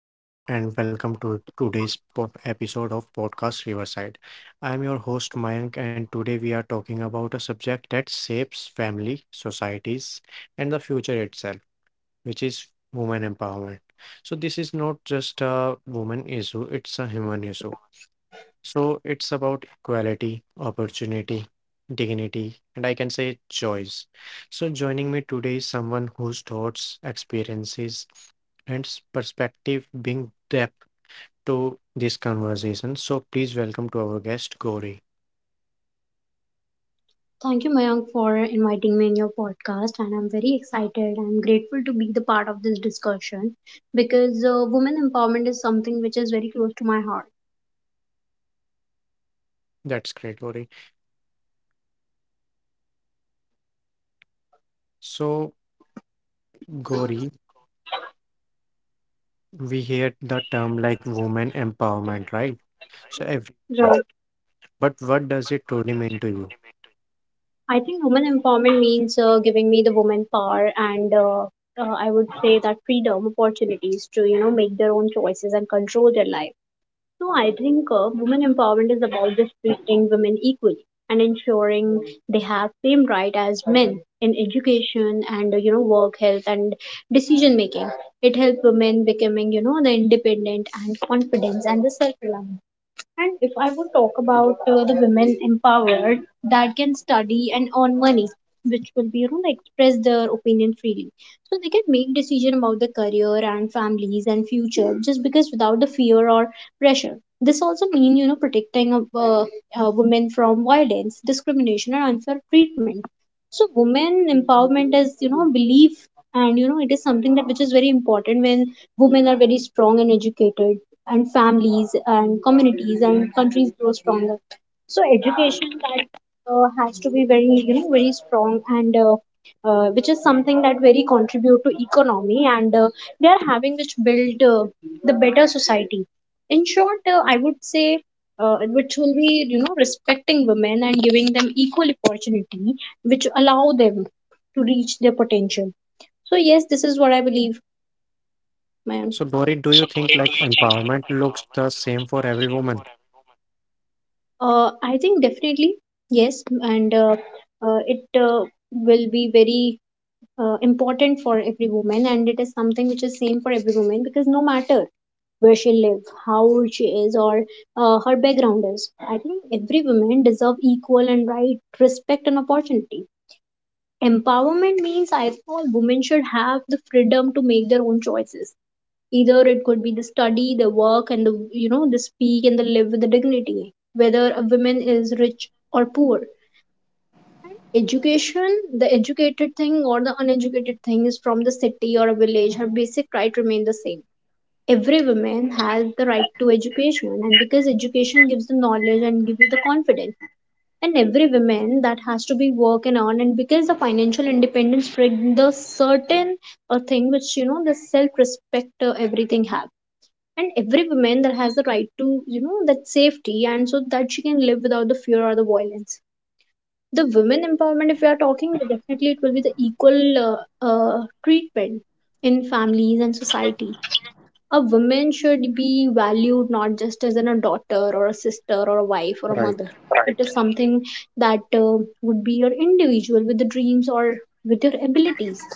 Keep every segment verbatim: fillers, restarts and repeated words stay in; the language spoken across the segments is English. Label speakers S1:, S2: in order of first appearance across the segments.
S1: Hello, everyone, and welcome to today's po- episode of Podcast Riverside. I'm your host, Mayank, and today we are talking about a subject that shapes family, societies, and the future itself, which is women empowerment. So this is not just a woman issue, it's a human issue. So it's about equality, opportunity, dignity, and I can say choice. So joining me today is someone whose thoughts, experiences, and s- perspective bring depth to this conversation. So please welcome to our guest, Gauri.
S2: Thank you, Mayank, for inviting me in your podcast. And I'm very excited and grateful to be the part of this discussion because uh, women empowerment is something which is very close to my heart.
S1: That's great, Gauri. So, Gauri, we hear the term like woman empowerment, right? So
S2: Right.
S1: everywhere. But what does it truly mean to you?
S2: I think women empowerment means uh, giving me the woman power and uh, uh, I would say that freedom, opportunities to, you know, make their own choices and control their life. So I think uh, women empowerment is about just treating women equally and ensuring they have same right as men in education and uh, you know work health and decision making. It helps women becoming you know the independent and confidence and the self reliant. And if I would talk about uh, the women empowered that can study and earn money, which will be, you know, like, express their opinion freely. So they can make decision about their career and families and future just because without the fear or pressure. This also means, you know, protecting a, uh, uh, women from violence, discrimination, and unfair treatment. So women empowerment is, you know, a belief and, you know, it is something that which is very important when women are very strong and educated and families and communities and countries grow stronger. So education that uh, has to be very you know very strong and uh, uh, which is something that very contribute to economy and uh, they are having which build uh, the better society. In short, uh, I would say. Uh, which will be you know respecting women and giving them equal opportunity which allow them to reach their potential. So yes, this is what I believe my.
S1: So, Gauri, do you think like empowerment looks the same for every woman?
S2: Uh, I think definitely yes, and uh, uh, it uh, will be very uh, important for every woman, and it is something which is same for every woman because no matter where she live, how old she is, or uh, her background is, I think every woman deserve equal and right respect and opportunity. Empowerment means, I think, all women should have the freedom to make their own choices, either it could be the study, the work, and the you know the speak and the live with the dignity. Whether a woman is rich or poor, education, the educated thing or the uneducated thing, is from the city or a village, her basic right remain the same. Every woman has the right to education, and because education gives the knowledge and gives you the confidence, and every woman that has to be work and on, and because the financial independence brings the certain a thing which you know the self respect, uh, everything have. And every woman that has the right to, you know, that safety, and so that she can live without the fear or the violence. The women empowerment, if we are talking, definitely it will be the equal uh, uh, treatment in families and society. A woman should be valued not just as an, a daughter or a sister or a wife or a mother. It is something that uh, would be your individual with the dreams or with your abilities.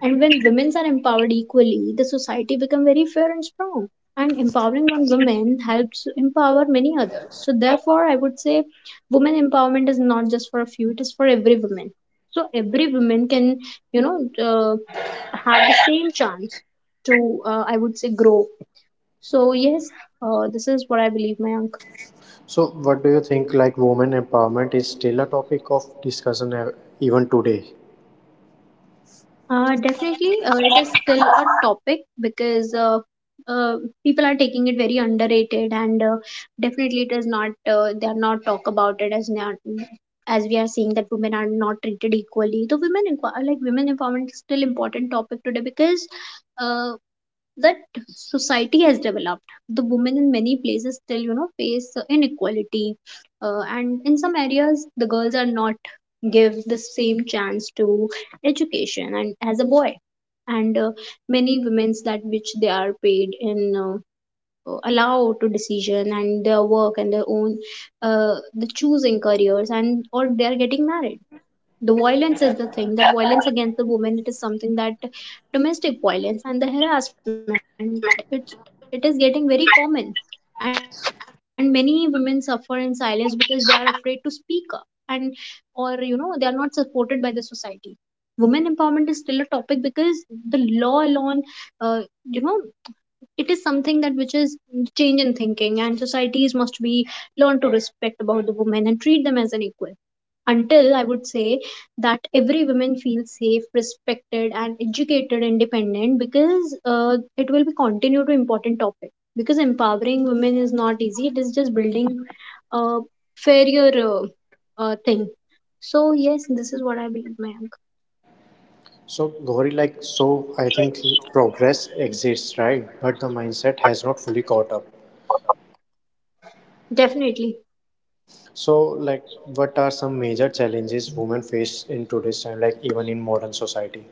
S2: And when women are empowered equally, the society becomes very fair and strong. And empowering one woman helps empower many others. So therefore, I would say women empowerment is not just for a few; it is for every woman. So every woman can, you know, uh, have the same chance to, uh, I would say, grow. So yes, uh, this is what I believe, Mayank.
S1: So what do you think? Like, women empowerment is still a topic of discussion ev- even today.
S2: Uh, definitely, uh, it is still a topic because uh, uh, people are taking it very underrated, and uh, definitely it is not. Uh, they are not talk about it as not, as we are seeing that women are not treated equally. The women inqu- like women empowerment is still important topic today because uh, that society has developed, the women in many places still you know face inequality, uh, and in some areas the girls are not give the same chance to education and as a boy. And uh, many women's that which they are paid in uh, uh, allow to decision and their work and their own uh, the choosing careers and or they are getting married. The violence is the thing, the violence against the women, it is something that domestic violence and the harassment, it, it is getting very common, and many women suffer in silence because they are afraid to speak up, and or you know they are not supported by the society. Women empowerment is still a topic because the law alone, uh, you know, it is something that which is change in thinking, and societies must be learned to respect about the women and treat them as an equal. Until, I would say, that every woman feels safe, respected, and educated, independent, because uh, it will be continue to important topic. Because empowering women is not easy; it is just building a fairer uh, uh, thing. So yes, this is what I believe, Mayank.
S1: So, Gauri, like, so I think progress exists, right? But the mindset has not fully caught up.
S2: Definitely.
S1: So, like, what are some major challenges women face in today's time, like, even in modern society?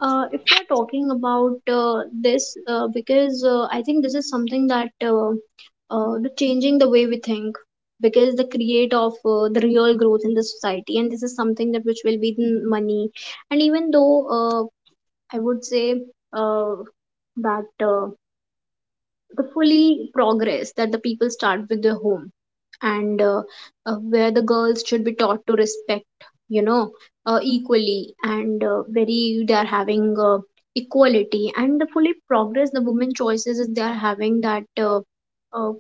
S2: Uh, if we're talking about uh, this, uh, because uh, I think this is something that uh, uh, the changing the way we think, because the create of uh, the real growth in the society, and this is something that which will be the money, and even though uh, I would say uh, that uh, the fully progress that the people start with their home and uh, uh, where the girls should be taught to respect, you know, uh, equally, and uh, very they are having uh, equality and the fully progress the women choices is they are having that uh, uh,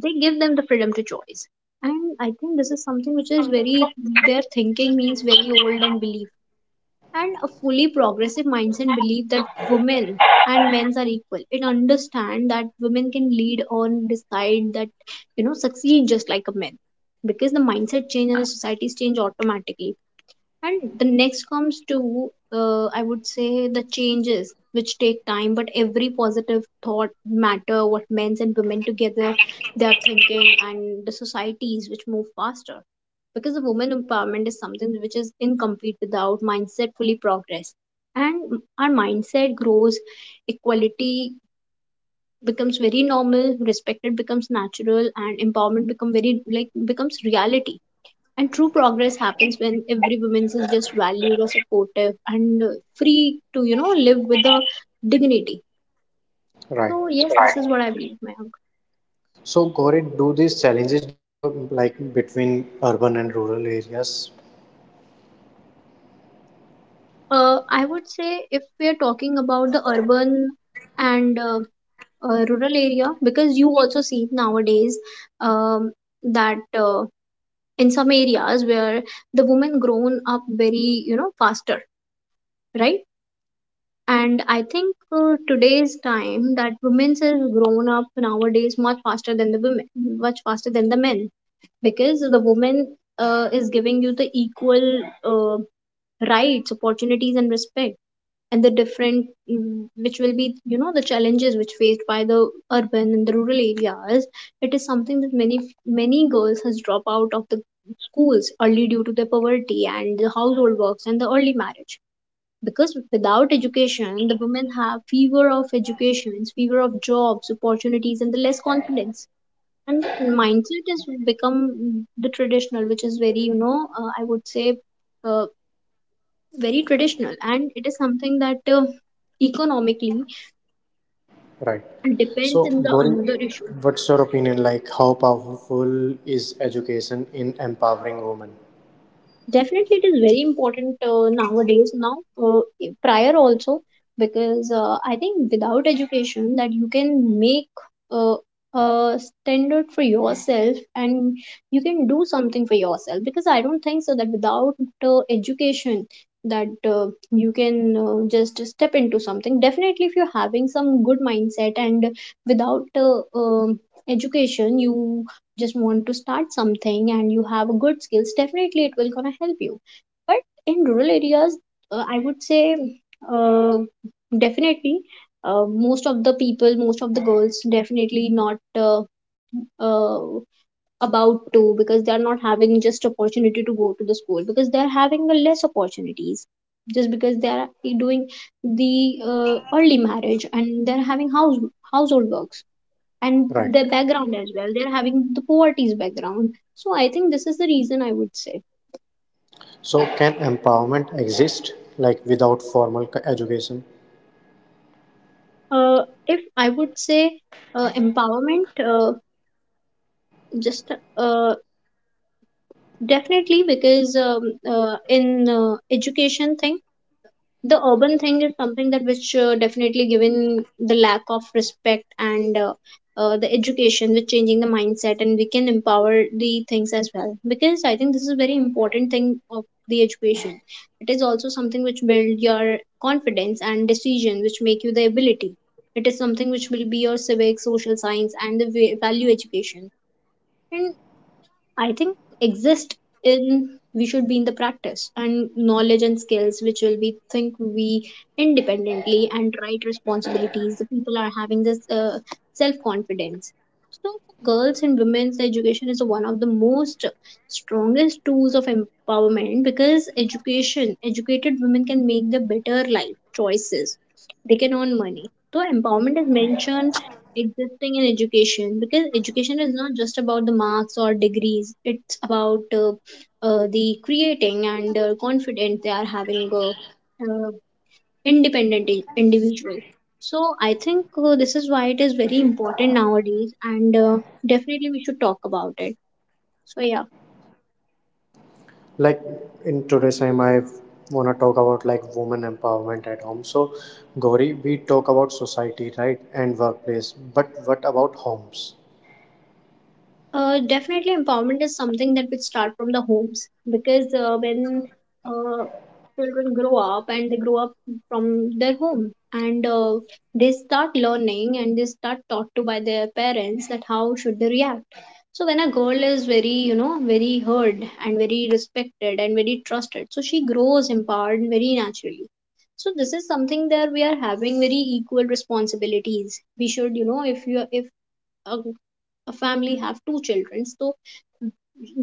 S2: they give them the freedom to choice. And I think this is something which is very, their thinking means very old and believable. And a fully progressive mindset believe that women and men are equal. It understand that women can lead on decide that, you know, succeed just like a man, because the mindset change and the societies change automatically. And the next comes to, uh, I would say, the changes which take time, but every positive thought matter what men and women together, they are thinking, and the societies which move faster, because the women empowerment is something which is incomplete without mindset fully progress. And our mindset grows, equality becomes very normal, respected becomes natural, and empowerment become very like, becomes reality. And true progress happens when every woman is just valued or supportive and uh, free to, you know, live with a dignity.
S1: Right.
S2: So, yes, this is what I believe, Mayank.
S1: So, Gauri, do these challenges differ, like, between urban and rural areas?
S2: Uh, I would say if we are talking about the urban and uh, uh, rural area, because you also see nowadays, um, that uh, in some areas where the women grown up very, you know, faster, right? And I think uh, today's time that women's is grown up nowadays much faster than the women, much faster than the men, because the woman uh, is giving you the equal uh, rights opportunities and respect. And the different mm, which will be, you know, the challenges which faced by the urban and the rural areas. It is something that many, many girls has dropped out of the schools early due to the poverty and the household works and the early marriage, because without education the women have fewer of educations, fewer of jobs opportunities, and the less confidence. And the mindset has become the traditional, which is very, you know, uh, I would say, uh, very traditional, and it is something that uh, economically
S1: Right.
S2: depends
S1: So,
S2: in the another
S1: Gauri,
S2: issue.
S1: what's your opinion? Like, how powerful is education in empowering women?
S2: Definitely, it is very important uh, nowadays. Now, uh, prior also, because uh, I think without education, that you can make uh, a standard for yourself and you can do something for yourself. Because I don't think so that without uh, education, that uh, you can uh, just step into something. Definitely, if you're having some good mindset and without uh, um education, you just want to start something and you have a good skills, definitely it will gonna help you. But in rural areas, uh, I would say uh, definitely uh, most of the people, most of the girls, definitely not uh, uh, about to because they are not having just opportunity to go to the school because they are having a less opportunities just because they are doing the uh, early marriage and they're having house household works and
S1: Right.
S2: their background as well, they're having the poverty's background. So I think this is the reason. I would say,
S1: So, can empowerment exist like without formal c- education?
S2: uh, if I would say, uh, empowerment, uh, just uh, definitely, because um, uh, in uh, education thing, the urban thing is something that which uh, definitely given the lack of respect and uh, uh, the education with changing the mindset, and we can empower the things as well because I think this is a very important thing of the education. It is also something which build your confidence and decision which make you the ability. It is something which will be your civic social science and the va- value education. And I think exist in, we should be in the practice and knowledge and skills which will be think we independently and right responsibilities, the people are having this uh, self confidence. So girls and women's education is one of the most strongest tools of empowerment because education, educated women can make the better life choices, they can earn money. So empowerment is mentioned existing in education because education is not just about the marks or degrees, it's about uh, uh, the creating and uh, confident. They are having a uh, independent i- individual. So I think uh, this is why it is very important nowadays, and uh, definitely we should talk about it. So yeah.
S1: Like in today's time, I wanna talk about like women empowerment at home. So, Gauri, we talk about society, right, and workplace, but what about homes?
S2: Uh, definitely, empowerment is something that would start from the homes because uh, when uh, children grow up, and they grow up from their home, and uh, they start learning and they start taught to by their parents that how should they react. So when a girl is very, you know, very heard and very respected and very trusted, so she grows empowered very naturally. So this is something that we are having very equal responsibilities. We should, you know, if you if a, a family have two children, so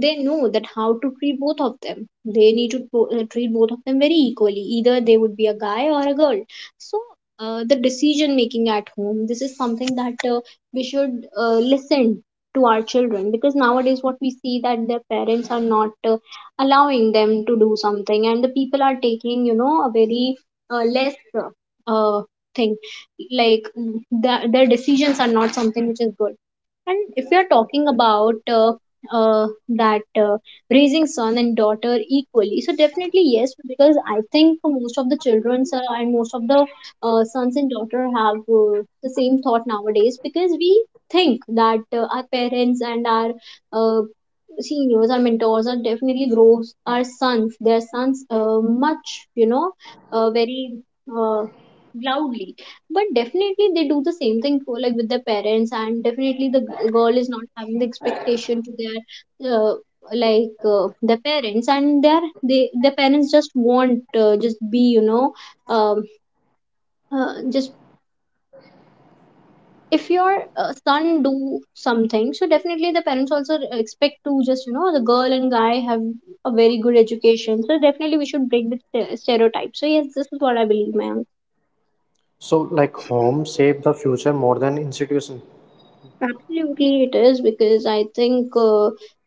S2: they know that how to treat both of them. They need to bo- uh, treat both of them very equally, either they would be a guy or a girl. So uh, the decision making at home, this is something that uh, we should uh, listen to our children because nowadays what we see that their parents are not uh, allowing them to do something, and the people are taking, you know a very uh, less uh, uh, thing, like th- their decisions are not something which is good. And if you are talking about uh, uh, that uh, raising son and daughter equally, so definitely yes, because I think most of the children uh, and most of the uh, sons and daughter have uh, the same thought nowadays because we think that uh, our parents and our uh, seniors, our mentors are definitely grows our sons, their sons, uh, much, you know uh, very uh, loudly, but definitely they do the same thing for, like, with their parents. And definitely the g- girl is not having the expectation to their uh, like uh, their parents, and their they their parents just want uh, just be, you know um, uh, just if your uh, son do something, so definitely the parents also expect to, just you know the girl and guy have a very good education. So definitely we should break the ste- stereotype. So yes, this is what I believe, man.
S1: So, like, homes shape the future more than institution.
S2: Absolutely, it is because I think uh,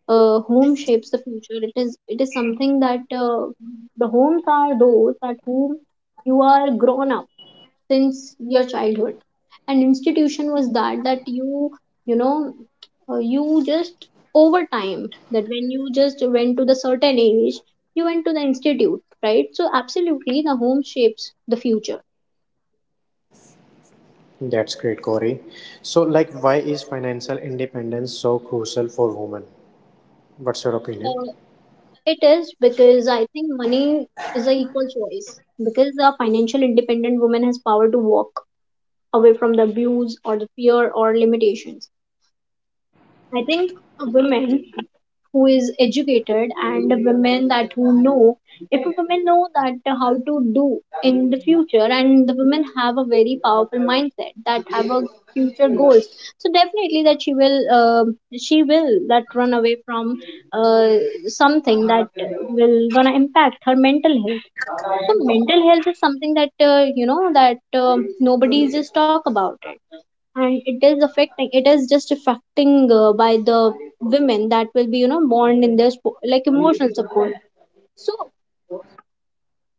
S2: uh, home shapes the future. It is it is something that uh, the homes are those at whom you are grown up since your childhood, and institution was that, that you you know uh, you just over time, that when you just went to the certain age, you went to the institute, right? So absolutely, the home shapes the future.
S1: That's great, Corey. So, like, why is financial independence so crucial for women? What's your opinion?
S2: It is because I think money is an equal choice, because a financial independent woman has power to walk away from the abuse or the fear or limitations. I think a woman who is educated and a woman that who know, if a woman know that how to do in the future, and the women have a very powerful mindset that have a future goals, so definitely that she will uh, she will that run away from uh, something that will gonna impact her mental health. So mental health is something that, uh, you know that um nobody just talk about, and it is affecting, it is just affecting uh, by the women that will be, you know, born in their spo- like emotional support. So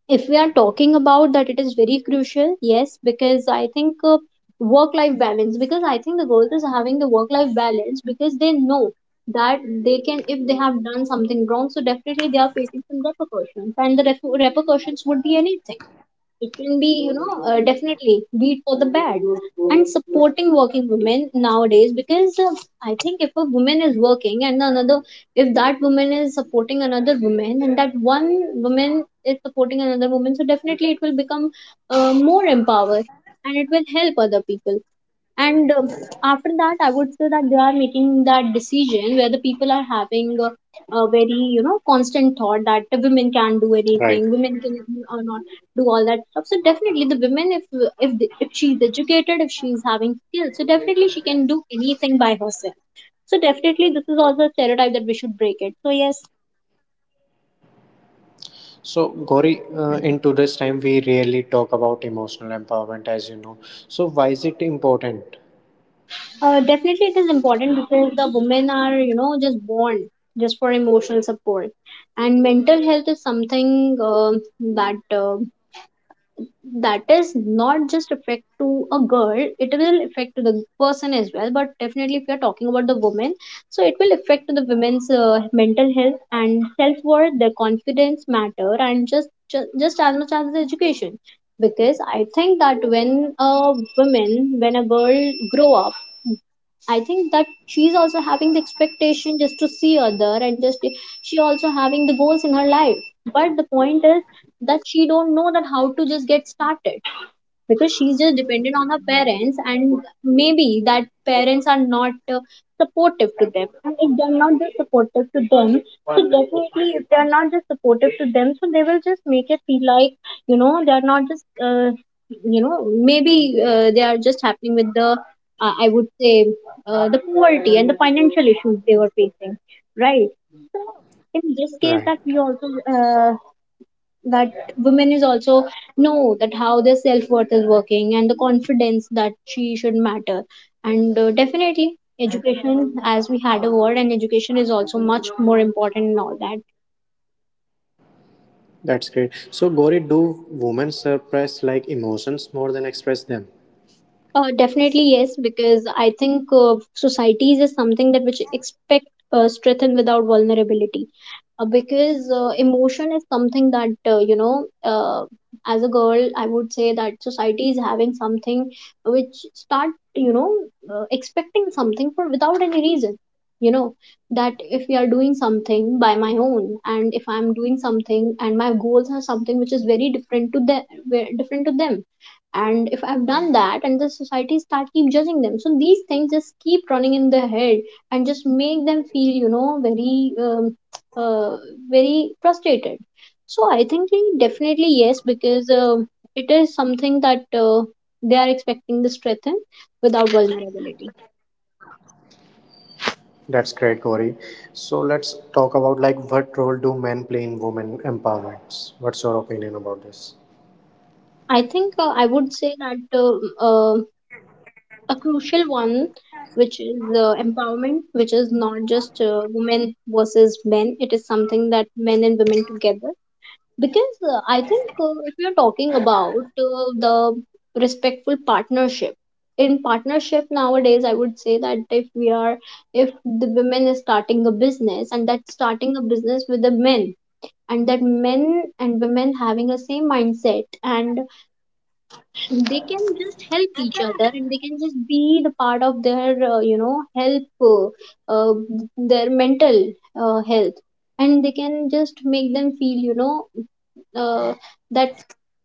S2: if we are talking about that, it is very crucial, yes, because I think uh, work life balance, because I think the girls is having the work life balance because they know that they can, if they have done something wrong, so definitely they are facing some repercussions, and the refu- repercussions would be anything. It can be, you know, uh, definitely beat for the bad. And supporting working women nowadays, because uh, I think if a woman is working and another, if that woman is supporting another woman, and that one woman is supporting another woman, so definitely it will become uh, more empowered, and it will help other people. And um, after that I would say that they are making that decision where the people are having a, a very, you know, constant thought that the women can't do
S1: Right.
S2: anything, women can or not do all that stuff. So definitely the women, if if the- if she's educated, if she's having skills, so definitely she can do anything by herself. So definitely this is also a stereotype that we should break it. So yes.
S1: So, Gauri, uh, in today's time, we rarely talk about emotional empowerment, as you know. So why is it important?
S2: Uh, definitely, it is important because the women are, you know, just born just for emotional support, and mental health is something uh, that uh, that is not just affect to a girl. It will affect to the person as well. But definitely, if we are talking about the women, so it will affect to the women's uh, mental health and self worth. Their confidence matter, and just, just just as much as the education. Because I think that when a woman, when a girl grow up, I think that she's also having the expectation just to see other, and just she also having the goals in her life. But the point is that she don't know that how to just get started because she's just dependent on her parents, and maybe that parents are not uh, supportive to them, and if they're not just supportive to them, so definitely if they're not just supportive to them, so they will just make it feel like, you know, they're not just uh, you know, maybe uh, they are just happening with the uh, I would say uh, the poverty and the financial issues they were facing, right? So in this case,
S1: Right.
S2: that we also uh, that women is also know that how their self-worth is working and the confidence that she should matter. And uh, definitely education, as we had a word, and education is also much more important in all that.
S1: That's great. So, Gauri, do women suppress like emotions more than express them?
S2: Uh, definitely yes, because I think uh, societies is something that which expect uh, strength without vulnerability. Uh, because uh, emotion is something that, uh, you know, uh, as a girl, I would say that society is having something which start, you know uh, expecting something for without any reason. You know that if we are doing something by my own, and if I'm doing something, and my goals are something which is very different to them, different to them and if I've done that, and the society start keep judging them, so these things just keep running in their head and just make them feel, you know, very um, uh, very frustrated. So I think definitely yes, because um it is something that uh, they are expecting to strengthen without vulnerability.
S1: That's great, Gauri. So let's talk about like what role do men play in women empowerments? What's your opinion about this?
S2: I think, uh, I would say that um uh, a crucial one which is uh, empowerment, which is not just uh, women versus men. It is something that men and women together, because uh, I think, uh, if you're talking about uh, the respectful partnership, in partnership nowadays, I would say that if we are, if the women is starting a business, and that's starting a business with the men, and that men and women having a same mindset, and they can just help each other, and they can just be the part of their, uh, you know help uh, uh, their mental uh, health, and they can just make them feel, you know, uh, that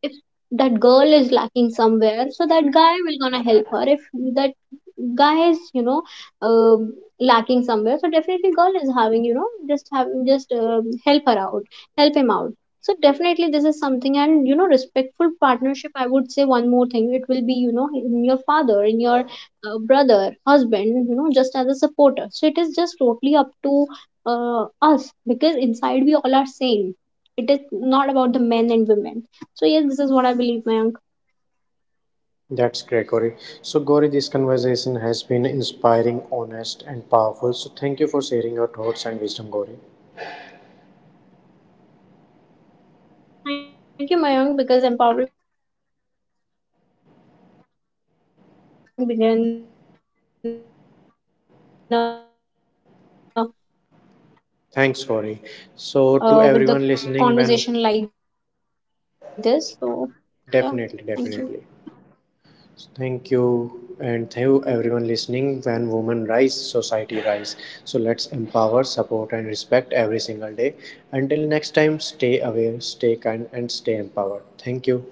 S2: if that girl is lacking somewhere, so that guy will gonna help her. If that guy is, you know uh, lacking somewhere, so definitely girl is having, you know just have just uh, help her out, help him out. So definitely this is something, and you know, respectful partnership. I would say one more thing, it will be, you know, in your father, in your uh, brother, husband, you know, just as a supporter. So it is just totally up to uh, us, because inside we all are same. It is not about the men and women. So yes, this is what I believe, Mayank.
S1: That's great, Gauri. So, Gauri, this conversation has been inspiring, honest, and powerful. So thank you for sharing your thoughts and wisdom, Gauri.
S2: Thank you, Mayank, because empowering began
S1: Thanks,
S2: uh,
S1: Gauri. So,
S2: uh,
S1: to
S2: with
S1: everyone
S2: the
S1: listening, when
S2: conversation like this. So yeah, thank you.
S1: definitely, definitely. So thank you, and thank you everyone listening. When women rise, society rise. So let's empower, support, and respect every single day. Until next time, stay aware, stay kind, and stay empowered. Thank you.